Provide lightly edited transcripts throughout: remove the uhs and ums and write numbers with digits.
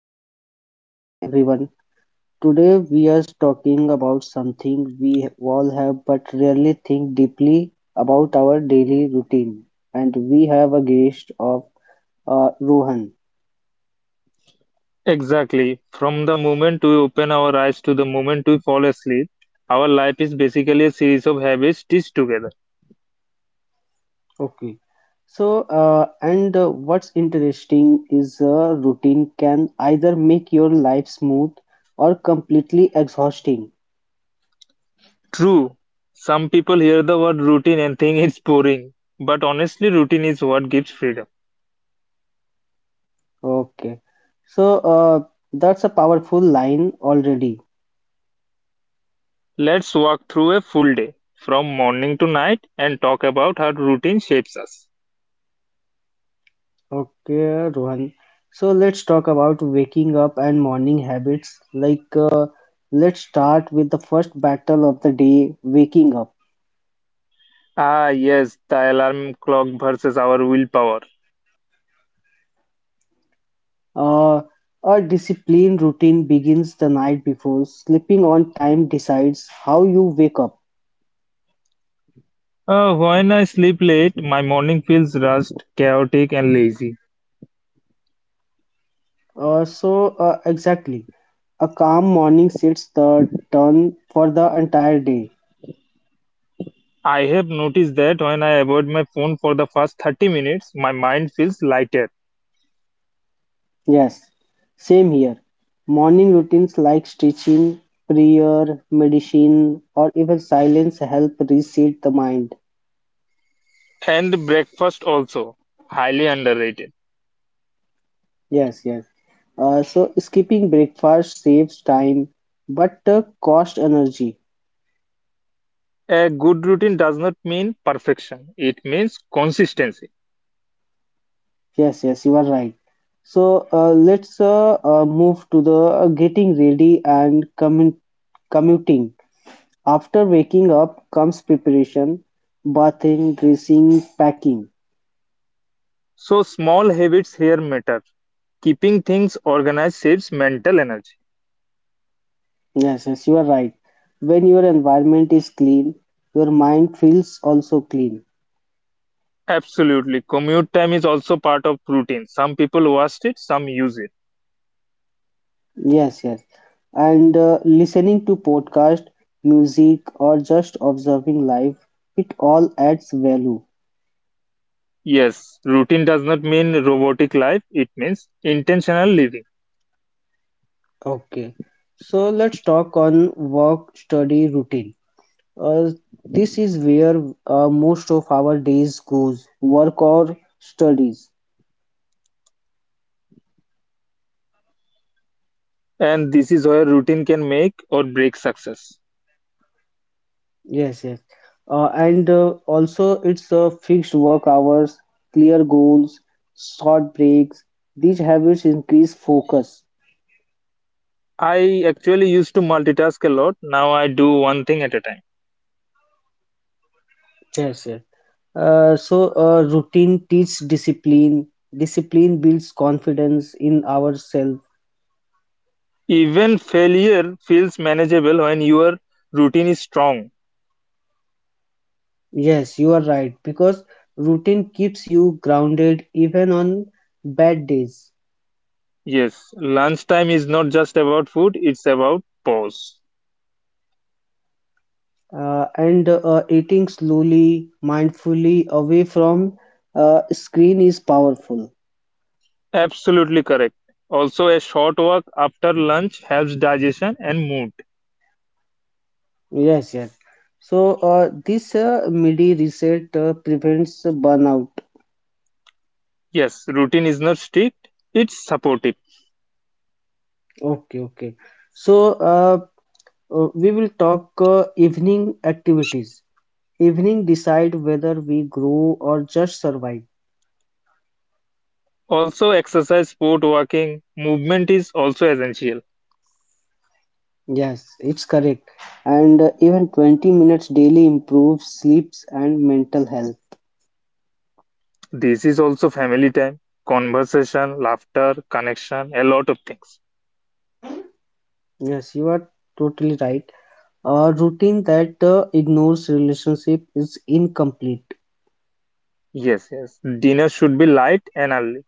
guys, good morning everyone. Today we are talking about something we all have but rarely think deeply about: our daily routine. And we have a guest of Rohan. Exactly. From the moment we open our eyes to the moment we fall asleep, our life is basically a series of habits stitched together. Okay. So, and what's interesting is a routine can either make your life smooth or completely exhausting. True, some people hear the word routine and think it's boring, but honestly, routine is what gives freedom. Okay. So, that's a powerful line already. Let's walk through a full day from morning to night and talk about how routine shapes us. Okay, Rohan. So let's talk about waking up and morning habits. Like, let's start with the first battle of the day, waking up. Ah, yes, the alarm clock versus our willpower. Uh, a disciplined routine begins the night before. Sleeping on time decides how you wake up. When I sleep late, my morning feels rushed, chaotic, and lazy. So, exactly. A calm morning sets the tone for the entire day. I have noticed that when I avoid my phone for the first 30 minutes, my mind feels lighter. Yes, same here. Morning routines like stretching, prayer, medicine, or even silence help reset the mind. And breakfast also, highly underrated. Yes, yes. So skipping breakfast saves time but cost energy. A good routine does not mean perfection, it means consistency. Yes, yes, you are right. So let's, move to the getting ready and commuting. After waking up comes preparation, bathing, dressing, packing. So, small habits here matter. Keeping things organized saves mental energy. Yes, yes, you are right. When your environment is clean, your mind feels also clean. Absolutely. Commute time is also part of routine. Some people waste it, some use it. Yes, yes. And listening to podcast, music, or just observing life, it all adds value. Yes, routine does not mean robotic life, it means intentional living. Okay. So let's talk on work study routine. Uh, this is where most of our days goes, work or studies. And this is where routine can make or break success. Yes, yes. And also, it's fixed work hours, clear goals, short breaks. These habits increase focus. I actually used to multitask a lot. Now I do one thing at a time. Yes, yes. Routine teaches discipline. Discipline builds confidence in ourselves. Even failure feels manageable when your routine is strong. Yes, you are right. Because routine keeps you grounded even on bad days. Yes, lunchtime is not just about food, it's about pause. And eating slowly, mindfully, away from screen is powerful. Absolutely correct. Also, a short walk after lunch helps digestion and mood. Yes, yes. So this MIDI reset prevents burnout. Yes, routine is not strict, it's supportive. Okay, okay. So we will talk evening activities. Evening decide whether we grow or just survive. Also, exercise, sport, walking, movement is also essential. Yes, it's correct. And even 20 minutes daily improves sleeps and mental health. This is also family time, conversation, laughter, connection, a lot of things. Yes, you are totally right. A routine that ignores relationship is incomplete. Yes, yes. Dinner should be light and early.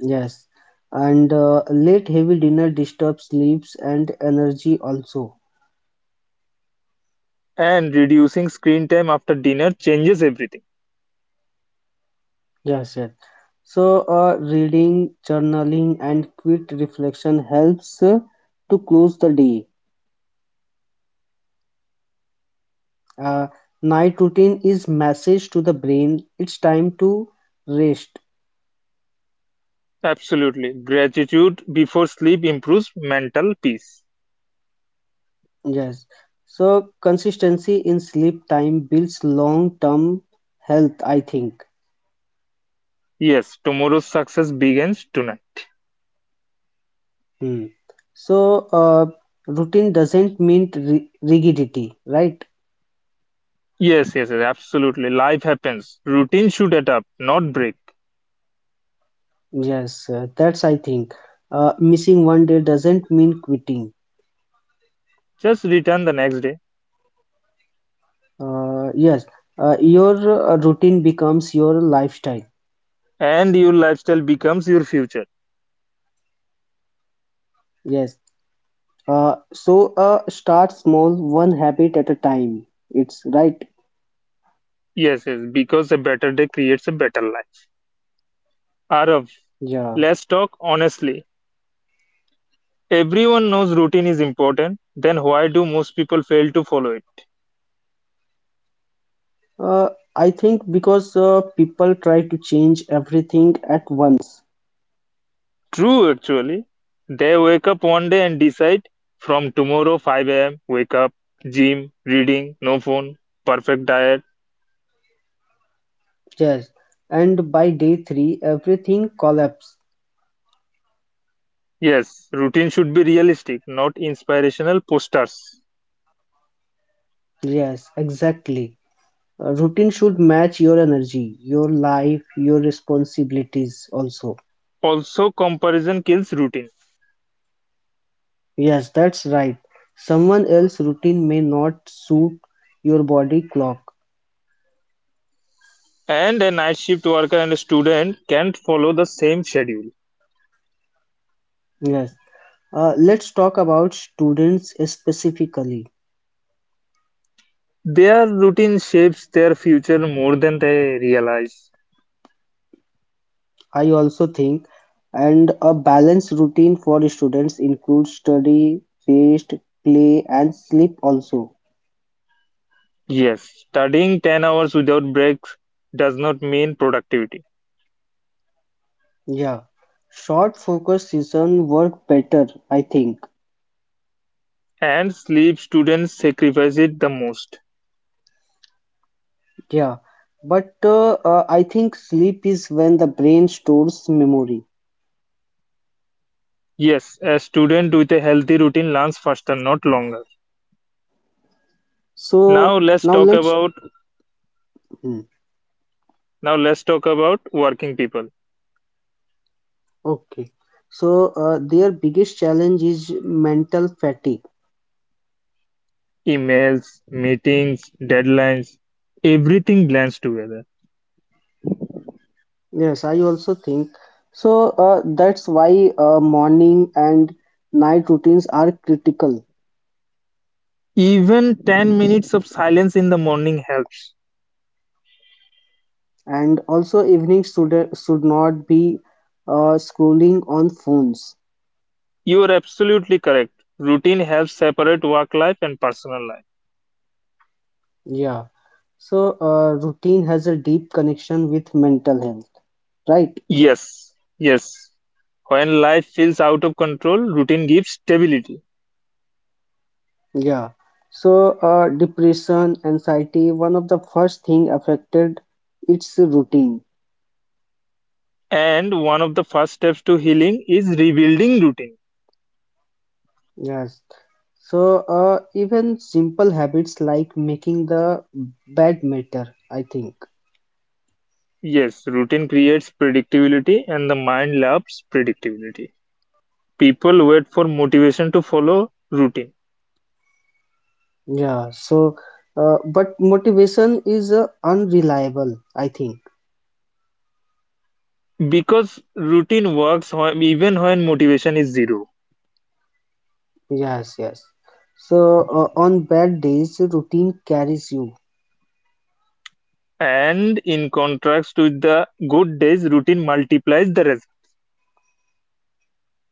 Yes, and late heavy dinner disturbs sleeps and energy also. And reducing screen time after dinner changes everything. Yes, yes. So, reading, journaling, and quick reflection helps to close the day. Uh, night routine is message to the brain. It's time to rest. Absolutely. Gratitude before sleep improves mental peace. Yes. So, consistency in sleep time builds long-term health, I think. Yes, tomorrow's success begins tonight. Hmm. So, routine doesn't mean ri rigidity, right? Yes, yes, yes, absolutely. Life happens. Routine should adapt, not break. Yes, that's I think. Missing one day doesn't mean quitting. Just return the next day, Yes. Your routine becomes your lifestyle. and your lifestyle becomes your future. Yes. Start small, one habit at a time. It's right. Yes, yes, because a better day creates a better life. Arav, Yeah. let's talk honestly. Everyone knows routine is important, then why do most people fail to follow it? Uh, I think because people try to change everything at once. True, actually. They wake up one day and decide, from tomorrow 5 a.m., wake up, gym, reading, no phone, perfect diet. Yes. And by day three, everything collapses. Yes, routine should be realistic, not inspirational posters. Yes, exactly. A routine should match your energy, your life, your responsibilities also. Also, comparison kills routine. Yes, that's right. Someone else's routine may not suit your body clock. And a night shift worker and a student can't follow the same schedule. Yes. Let's talk about students specifically. Their routine shapes their future more than they realize. I also think, and a balanced routine for students includes study, rest, play, and sleep also. Yes, studying 10 hours without breaks does not mean productivity. Yeah. Short focus season work better, I think. And sleep, students sacrifice it the most. Yeah, but I think sleep is when the brain stores memory. Yes, a student with a healthy routine learns faster, not longer. Now So let's now talk let's. about Hmm, now let's talk about working people. okay. So their biggest challenge is mental fatigue. Emails, meetings, deadlines, everything blends together. Yes, I also think. So that's why morning and night routines are critical. Even 10 minutes of silence in the morning helps. And also evening should not be scrolling on phones. You are absolutely correct. Routine helps separate work life and personal life. Yeah. So routine has a deep connection with mental health, right? Yes, yes. When life feels out of control, routine gives stability. Yeah. So, depression, anxiety, one of the first thing affected its routine. And one of the first steps to healing is rebuilding routine. Yes. So, even simple habits like making the bed matter, I think. Yes, routine creates predictability, and the mind loves predictability. People wait for motivation to follow routine Yeah. So, but motivation is unreliable, I think. because routine works even when motivation is zero. Yes, yes. So, on bad days, routine carries you. And in contrast to the good days, routine multiplies the rest.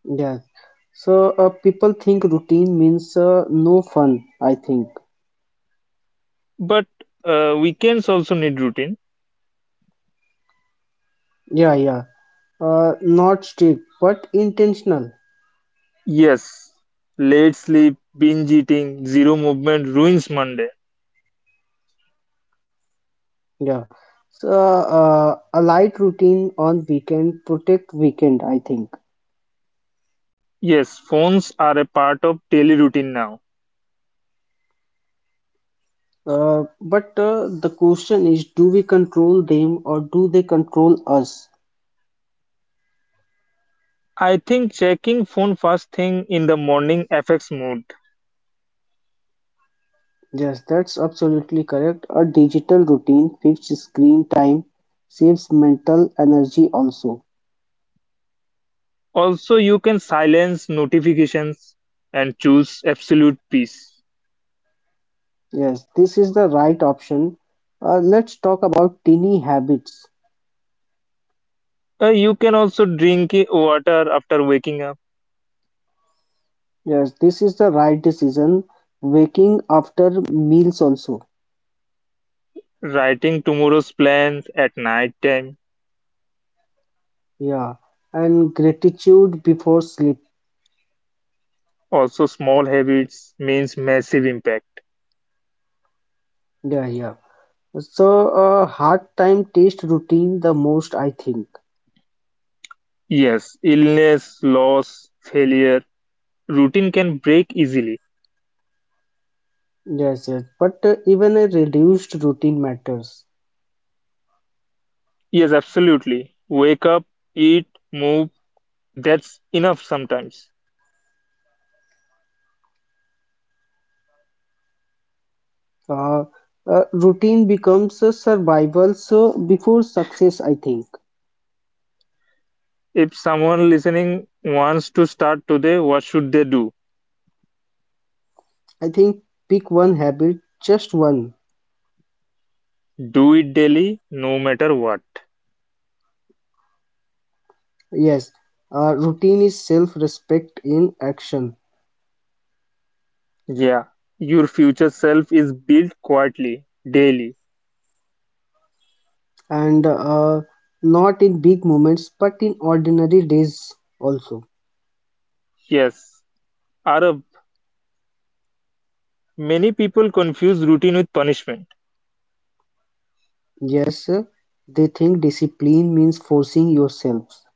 Yes. So, people think routine means no fun, I think. But weekends also need routine. Yeah, yeah. Not strict, but intentional. Yes, late sleep, binge eating, zero movement ruins Monday. Yeah. So, a light routine on weekend protect weekend, I think. Yes, phones are a part of daily routine now. But the question is, do we control them or do they control us? I think checking phone first thing in the morning affects mood. Yes, that's absolutely correct. A digital routine fixed screen time saves mental energy also. Also, you can silence notifications and choose absolute peace. Yes, this is the right option. Let's talk about teeny habits. You can also drink water after waking up, Yes, this is the right decision. Waking after meals also. writing tomorrow's plans at night time. Yeah. And gratitude before sleep. Also, small habits means massive impact. Yeah, yeah. So a hard time taste routine the most, I think. Yes, illness, loss, failure, routine can break easily. Yes, yes. But even a reduced routine matters. Yes, absolutely. Wake up, eat, move. That's enough sometimes. Uh, routine becomes a survival so before success, I think. If someone listening wants to start today, what should they do? I think pick one habit, just one. Do it daily, no matter what. Yes. Routine is self-respect in action, Yeah, your future self is built quietly, daily. and not in big moments but in ordinary days also. Yes, Arab, many people confuse routine with punishment. Yes, they think discipline means forcing yourselves.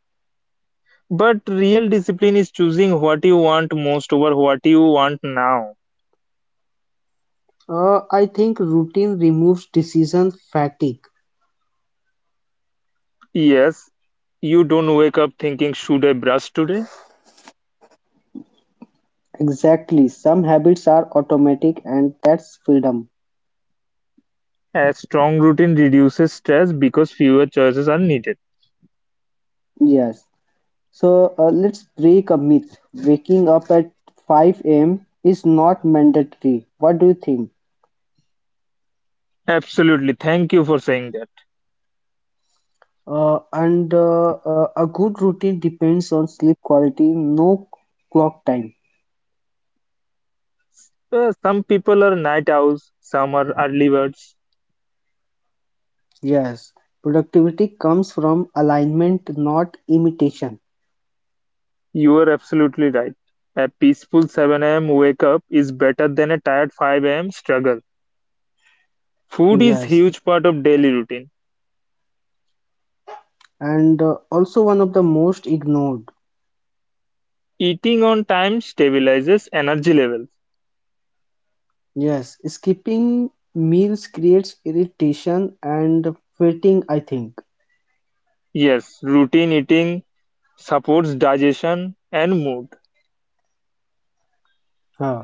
But real discipline is choosing what you want most over what you want now. I think routine removes decision fatigue. Yes, you don't wake up thinking, should I brush today? Exactly. Some habits are automatic, and that's freedom. A strong routine reduces stress because fewer choices are needed. Yes. So let's break a myth. Waking up at 5 a.m. is not mandatory. What do you think? Absolutely. Thank you for saying that. And a good routine depends on sleep quality, no clock time. Some people are night owls, some are early birds. Yes, productivity comes from alignment, not imitation. You are absolutely right. A peaceful 7 a.m. wake up is better than a tired 5 a.m. struggle. Food is Yes, huge part of daily routine. and also one of the most ignored. Eating on time stabilizes energy levels. Yes, skipping meals creates irritation and fatigue, I think. Yes, routine eating supports digestion and mood. Huh.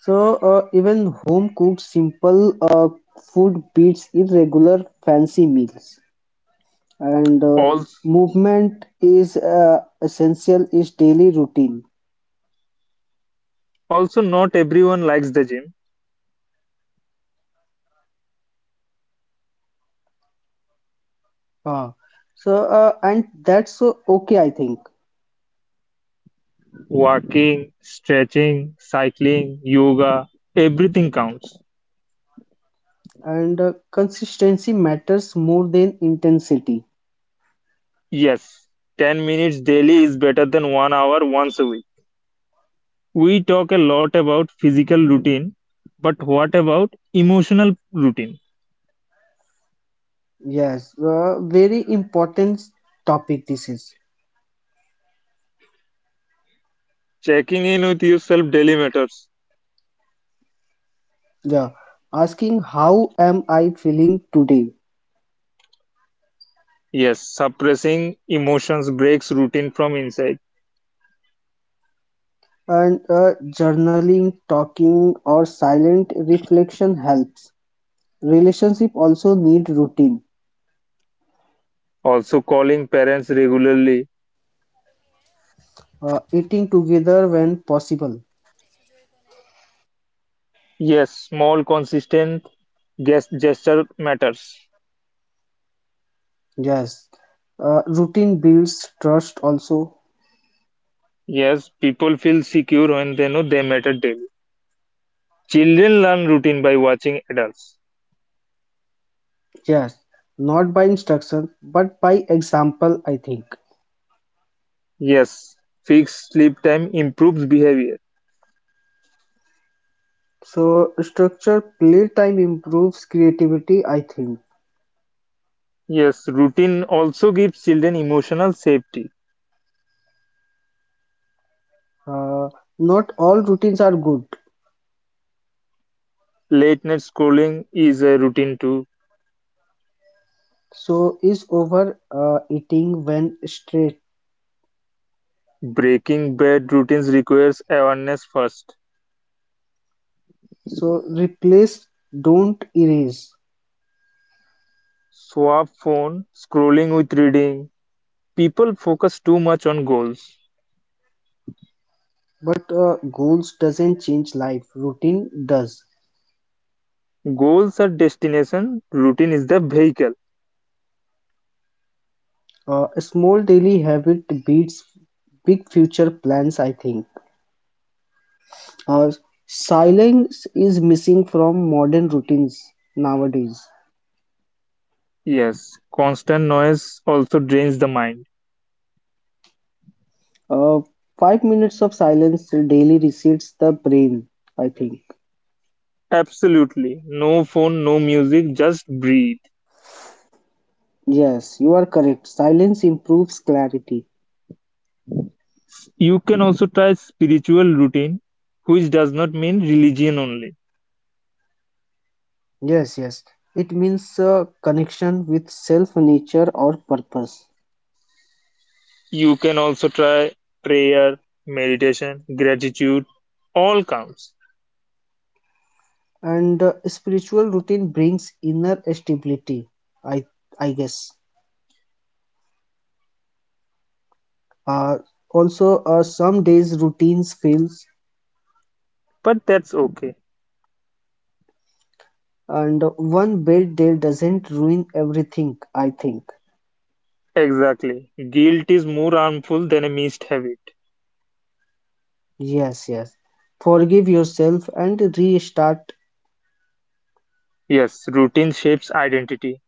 So, even home cooked simple food beats irregular fancy meals. and uh, Also, movement is essential is daily routine. also not everyone likes the gym. Uh, so uh, and that's okay, I think. Walking, stretching, cycling, yoga, everything counts. And consistency matters more than intensity. Yes, 10 minutes daily is better than 1 hour once a week. We talk a lot about physical routine, but what about emotional routine? Yes. Very important topic this is. Checking in with yourself daily matters. Yeah, asking how am I feeling today. Yes, suppressing emotions breaks routine from inside. And journaling, talking or silent reflection helps. Relationship also need routine. Also, calling parents regularly. Eating together when possible. Yes, small, consistent gesture matters. Yes. Routine builds trust also. Yes, people feel secure when they know they matter daily. Children learn routine by watching adults. Yes. Not by instruction, but by example, I think. Yes, fixed sleep time improves behavior. So, structure playtime improves creativity, I think. Yes, routine also gives children emotional safety. Uh, not all routines are good. Late night scrolling is a routine too. So, is over eating when straight. Breaking bad routines requires awareness first. So, replace, don't erase. Swap phone scrolling with reading. People focus too much on goals. But goals doesn't change life, routine does. Goals are destination, routine is the vehicle. A small daily habit beats big future plans, I think. Uh, silence is missing from modern routines nowadays. Yes, constant noise also drains the mind. Uh, 5 minutes of silence daily resets the brain, I think. Absolutely. No phone, no music, just breathe. Yes, you are correct. Silence improves clarity. You can also try spiritual routine, which does not mean religion only. Yes, yes. It means connection with self, nature, or purpose. You can also try prayer, meditation, gratitude, all counts. And spiritual routine brings inner stability, I guess. Uh, also, some days routines fails. But that's okay. And one bad day doesn't ruin everything, I think. Exactly. Guilt is more harmful than a missed habit. Yes, yes. Forgive yourself and restart. Yes, routine shapes identity,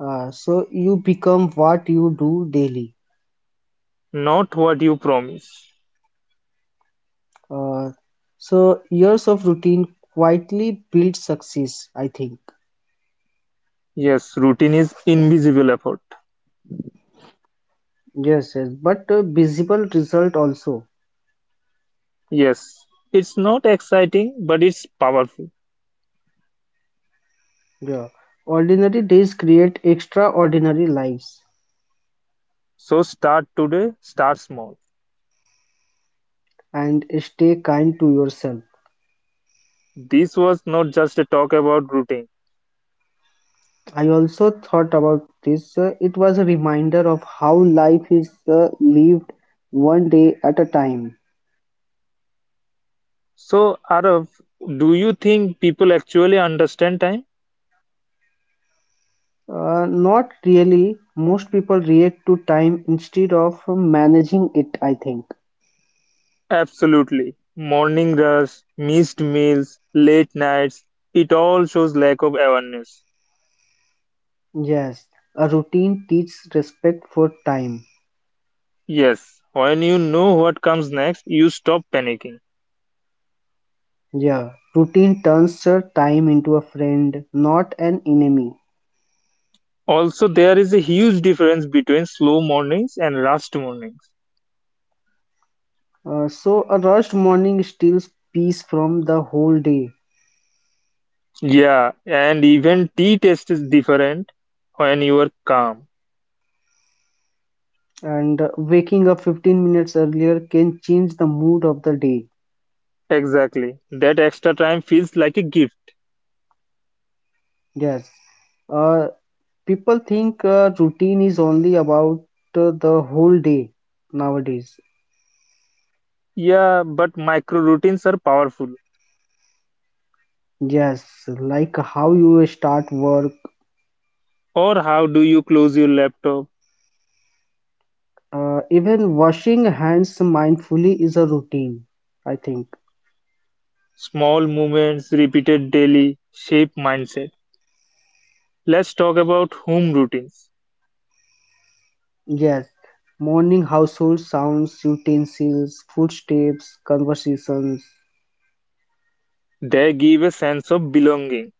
So you become what you do daily. not what you promise. Uh, so years of routine quietly build success, I think. Yes, routine is invisible effort. Yes, yes. But a visible result also. Yes, it's not exciting, but it's powerful. Yeah. Ordinary days create extraordinary lives So start today, start small. and stay kind to yourself. This was not just a talk about routine. I also thought about this. It was a reminder of how life is lived one day at a time. So, Arav, do you think people actually understand time? Not really. Most people react to time instead of managing it, I think. Absolutely. Morning rush, missed meals, late nights, it all shows lack of awareness. Yes, a routine teaches respect for time. Yes, when you know what comes next, you stop panicking. Yeah, routine turns time into a friend, not an enemy. Also, there is a huge difference between slow mornings and rushed mornings. A rushed morning steals peace from the whole day. Yeah, and even tea taste is different when you are calm. And waking up 15 minutes earlier can change the mood of the day. Exactly. That extra time feels like a gift. Yes. uh, People think routine is only about the whole day nowadays. Yeah, but micro routines are powerful. Yes, like how you start work. Or how do you close your laptop? Even washing hands mindfully is a routine, I think. Small movements repeated daily shape mindset. Let's talk about home routines. Yes, morning household sounds: utensils, footsteps, conversations. They give a sense of belonging.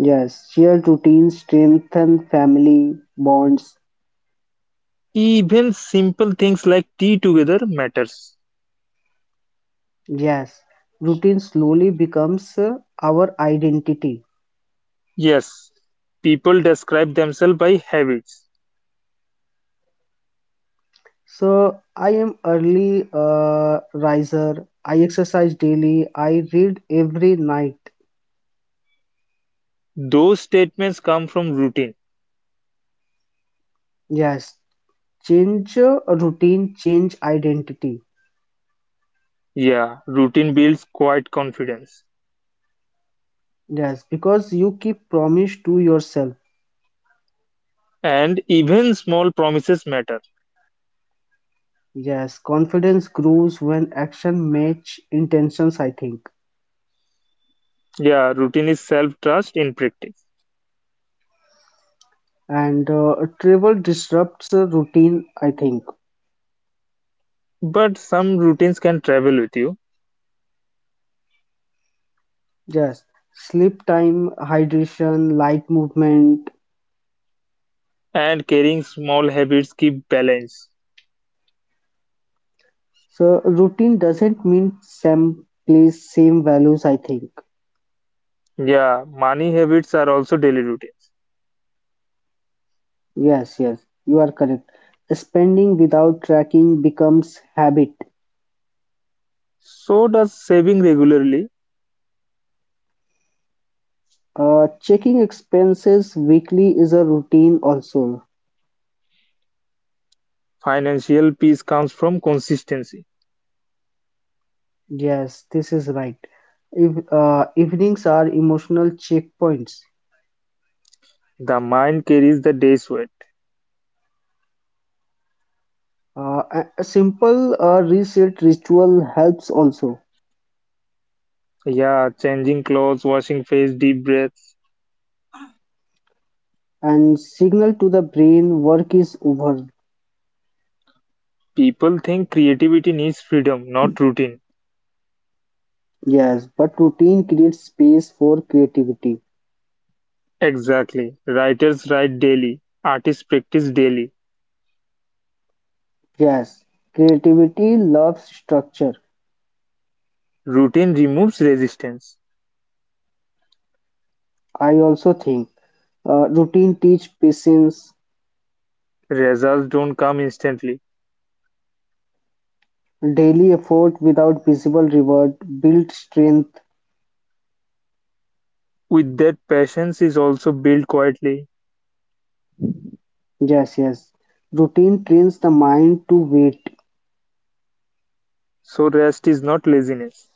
Yes, shared routines strengthen family bonds. Even simple things like tea together matters. Yes, routine slowly becomes our identity. Yes, people describe themselves by habits. So I am early riser. I exercise daily. I read every night. Those statements come from routine. Yes, change routine, change identity. Yeah, routine builds quiet confidence, Yes, because you keep promise to yourself. and even small promises matter. Yes, confidence grows when action match intentions, I think. Yeah, routine is self trust in practice. And travel disrupts routine, I think. But some routines can travel with you, Yes, sleep time, hydration, light movement. and carrying small habits keep balance. So routine doesn't mean same place, same values, I think. Yeah, money habits are also daily routines. Yes, yes, you are correct. Spending without tracking becomes habit. So does saving regularly. Checking expenses weekly is a routine also. Financial peace comes from consistency. Yes, this is right. If, evenings are emotional checkpoints. The mind carries the day's weight. A simple reset ritual helps also. Yeah, changing clothes, washing face, deep breaths. And signal to the brain work is over. People think creativity needs freedom, not routine. Yes, but routine creates space for creativity. Exactly. Writers write daily, artists practice daily. Yes, creativity loves structure. Routine removes resistance. I also think routine teach patience, Results don't come instantly. daily effort without visible reward, build strength. With that, patience is also built quietly, Yes, yes. Routine trains the mind to wait. so rest is not laziness.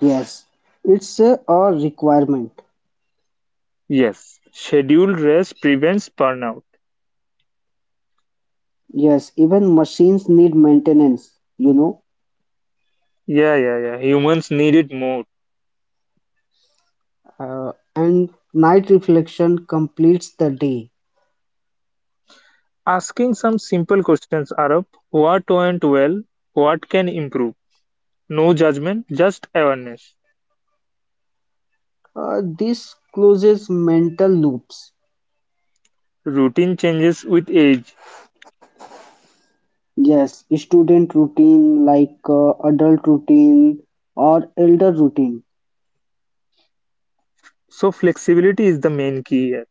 Yes, it's a requirement. Yes, scheduled rest prevents burnout. Yes, even machines need maintenance, you know. Yeah, yeah, yeah. Humans need it more. And night reflection completes the day. Asking some simple questions, Arab: what went well? What can improve? No judgment, just awareness. This closes mental loops. Routine changes with age, Yes, student routine like adult routine or elder routine. so flexibility is the main key here.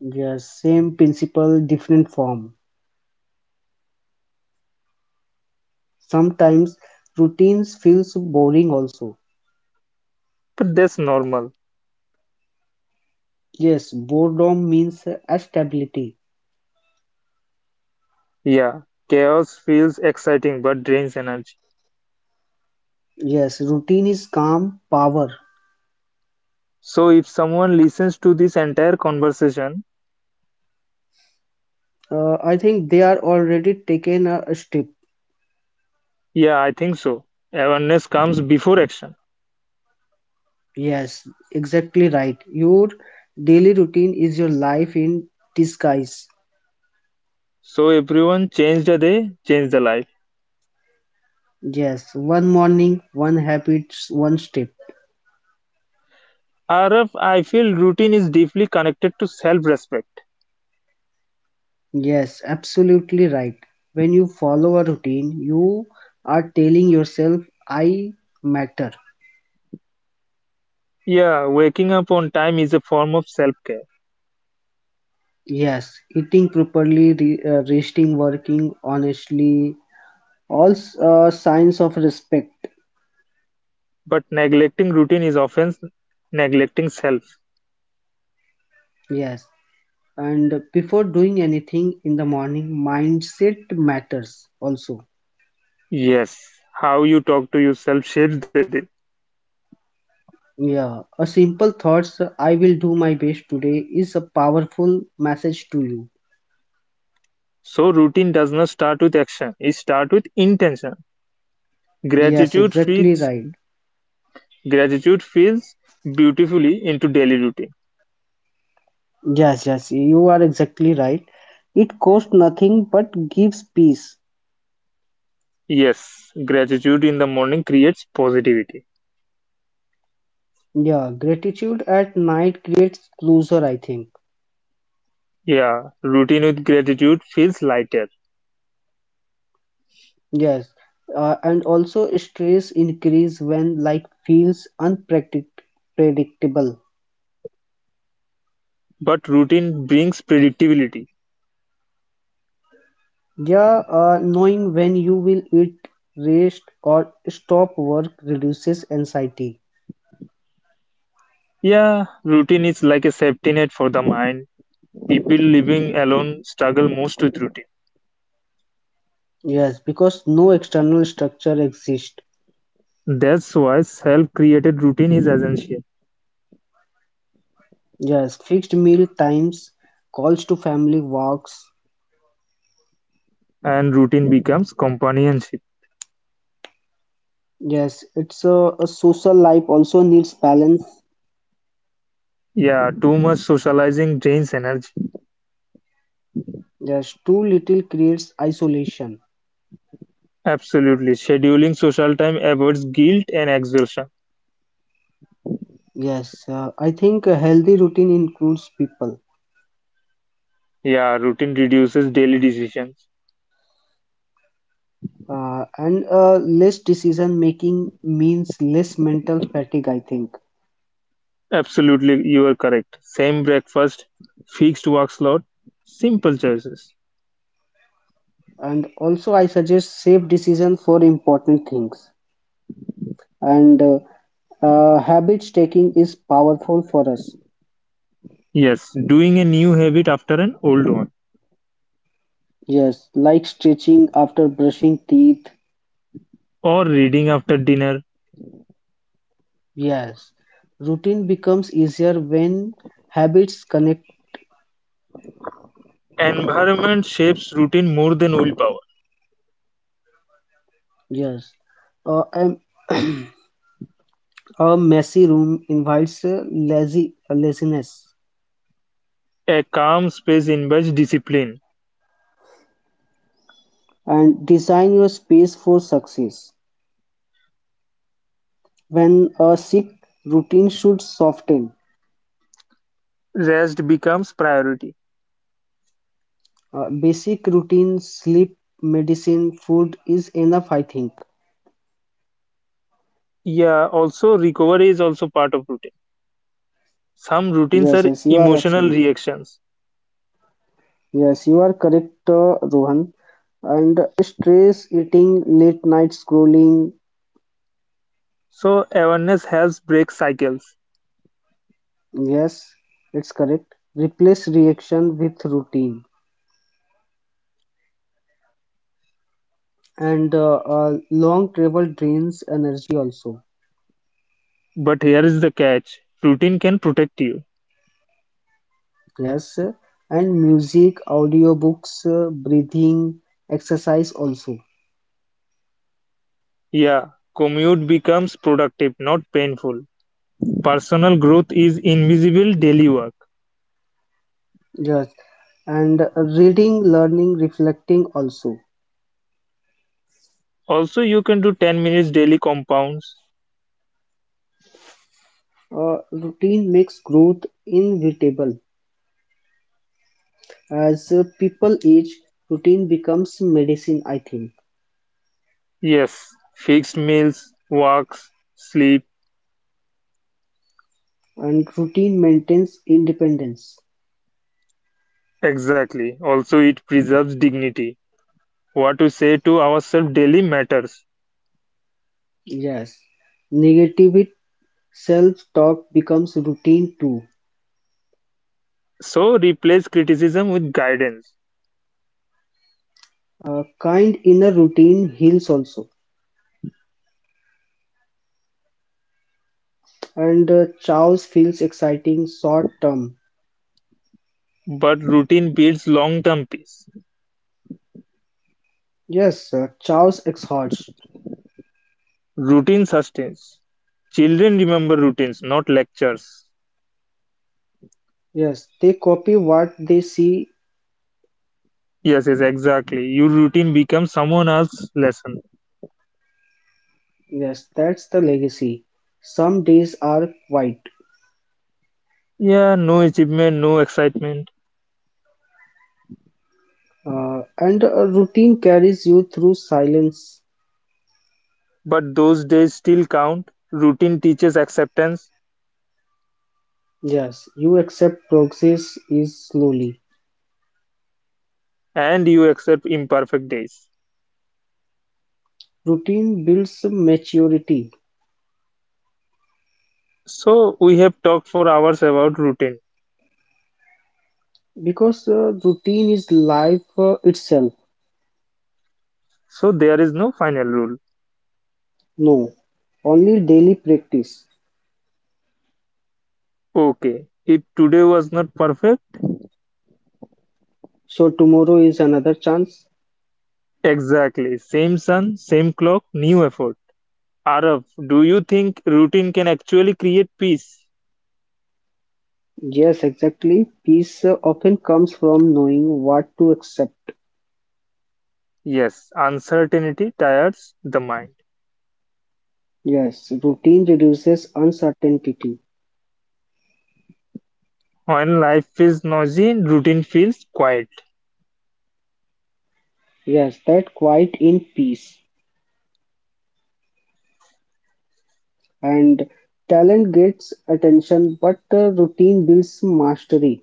Yes, same principle, different form. Sometimes routines feels boring also. But that's normal. Yes, boredom means stability. Yeah, chaos feels exciting but drains energy. Yes, routine is calm power. So if someone listens to this entire conversation, I think they are already taken a step. yeah, I think so. Awareness comes before action. Yes, exactly right. Your daily routine is your life in disguise. So everyone, change the day, change the life. Yes, one morning, one habit, one step. Araf, I feel routine is deeply connected to self-respect. Yes, absolutely right. When you follow a routine, you are telling yourself, I matter. Yeah, waking up on time is a form of self-care, Yes, eating properly, resting, working honestly, all signs of respect. but neglecting routine is often neglecting self. Yes, and before doing anything in the morning, mindset matters also. Yes, how you talk to yourself shapes the day. Yeah, a simple thoughts I will do my best today is a powerful message to you. So routine does not start with action; it starts with intention. Yes, Gratitude exactly feeds right. Gratitude feeds beautifully into daily routine. Yes, yes, you are exactly right. It costs nothing but gives peace. Yes, gratitude in the morning creates positivity. Yeah, gratitude at night creates closure, I think. Yeah, routine with gratitude feels lighter, Yes, and also stress increase when life feels unpredictable. but routine brings predictability. Yeah, knowing when you will eat, rest, or stop work reduces anxiety. Yeah, routine is like a safety net for the mind. People living alone struggle most with routine. Yes, because no external structure exists. That's why self created routine is essential, Yes, fixed meal times, calls to family walks. and routine becomes companionship. Yes, it's a social life also needs balance. Yeah, too much socializing drains energy. Yes, too little creates isolation. Absolutely. Scheduling social time avoids guilt and exhaustion. Yes, I think a healthy routine includes people. Yeah, routine reduces daily decisions. And less decision making means less mental fatigue, I think. Absolutely, you are correct. Same breakfast, fixed work slot, simple choices. And also, I suggest safe decision for important things. And habit taking is powerful for us. Yes, doing a new habit after an old one, Yes, like stretching after brushing teeth. or reading after dinner. Yes, routine becomes easier when habits connect. Environment shapes routine more than willpower. Yes, uh, um, a messy room invites lazy laziness. A calm space invites discipline. And design your space for success. When a sick routine should soften. Rest becomes priority. Basic routine, sleep, medicine, food is enough, I think. Yeah, also recovery is also part of routine. Some routines Yes, are yes, you are emotional absolute. reactions. Yes, you are correct, Rohan. And stress eating, late night scrolling, So awareness helps break cycles. yes, it's correct. Replace reaction with routine. And long travel drains energy also. But here is the catch: routine can protect you. Yes, and music, audiobooks, breathing, exercise also. Yeah, commute becomes productive, not painful. Personal growth is invisible daily work. Yes, and reading, learning, reflecting also. Also, you can do 10 minutes daily compounds. Routine makes growth inevitable. As people age, routine becomes medicine, I think, Yes, fixed meals, walks, sleep. and routine maintains independence. Exactly. Also, it preserves dignity. What we say to ourselves daily matters. Yes, negative self-talk becomes routine too. So, replace criticism with guidance. A kind inner routine heals also, and chaos feels exciting short term. But routine builds long term peace. Yes, chaos exhausts. Routine sustains. Children remember routines, not lectures. Yes, they copy what they see. Yes, yes, exactly. Your routine becomes someone else's lesson. Yes, that's the legacy. Some days are quiet, Yeah, no achievement, no excitement. And a routine carries you through silence. But those days still count. Routine teaches acceptance, Yes, you accept progress is slowly. and you accept imperfect days. Routine builds maturity So, we have talked for hours about routine. because routine is life itself. So, there is no final rule. No, only daily practice. Okay, if today was not perfect, So tomorrow is another chance. exactly. Same sun, same clock, new effort. Arav, do you think routine can actually create peace? Yes, exactly. Peace often comes from knowing what to accept. Yes, uncertainty tires the mind. Yes, routine reduces uncertainty. When life feels noisy, routine feels quiet. Yes, that quiet in peace. And talent gets attention, but routine builds mastery.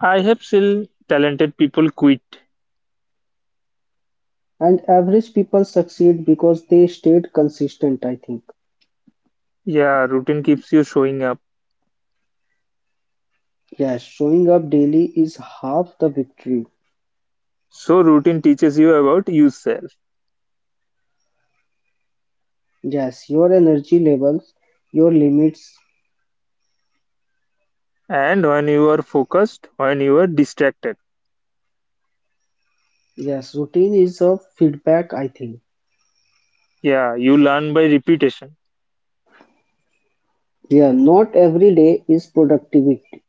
I have seen talented people quit. And average people succeed because they stayed consistent, I think. Yeah, routine keeps you showing up. Yes, showing up daily is half the victory. So, routine teaches you about yourself. Yes, your energy levels, your limits. And when you are focused, when you are distracted, Yes, routine is a feedback, I think. yeah, you learn by repetition. Yeah, not every day is productivity.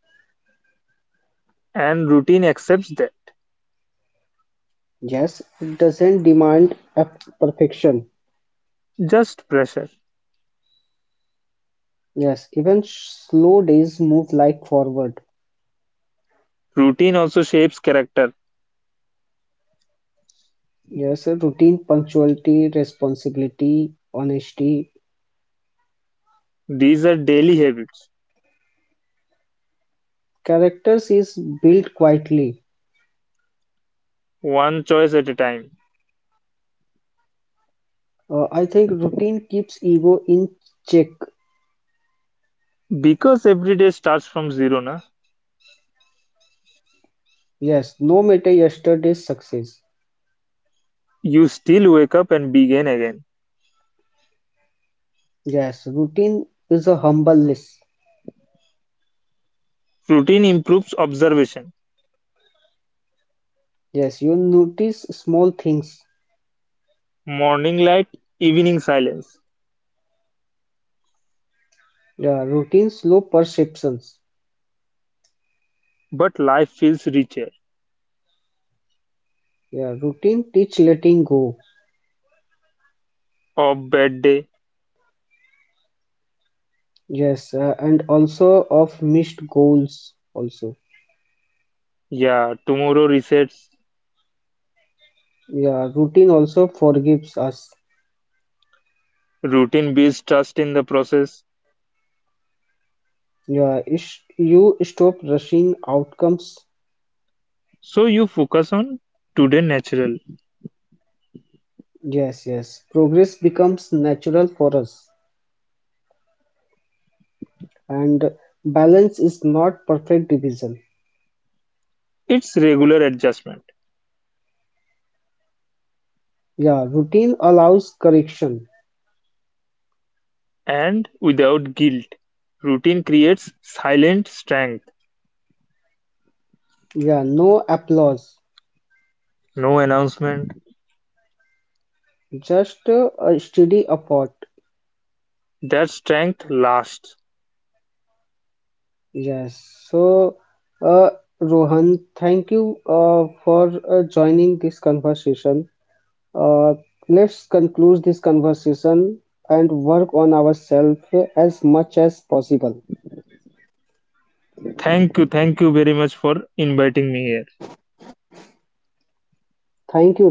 And routine accepts that. Yes, it doesn't demand a perfection. Just pressure. Yes, even slow days move like forward. Routine also shapes character. Yes, a routine, punctuality, responsibility, honesty. These are daily habits, Characters is built quietly. one choice at a time. I think routine keeps ego in check. Because every day starts from zero, na, Yes, no matter yesterday's success. you still wake up and begin again. Yes, routine is a humble list. Routine improves observation, Yes, you notice small things. morning light, evening silence. Yeah, routine slow perceptions. But life feels richer. Yeah, routine teach letting go. A bad day, Yes, and also of missed goals also. yeah, tomorrow resets. Yeah, routine also forgives us. Routine builds trust in the process. Yeah, you stop rushing outcomes. So you focus on today natural. Yes, yes. Progress becomes natural for us. And balance is not perfect division. It's regular adjustment Yeah, routine allows correction. and without guilt. Routine creates silent strength, Yeah, no applause, no announcement. just a steady effort. That strength lasts. Yes. So, uh, Rohan, thank you for joining this conversation. Uh, let's conclude this conversation and work on ourselves as much as possible. Thank you very much for inviting me here. Thank you.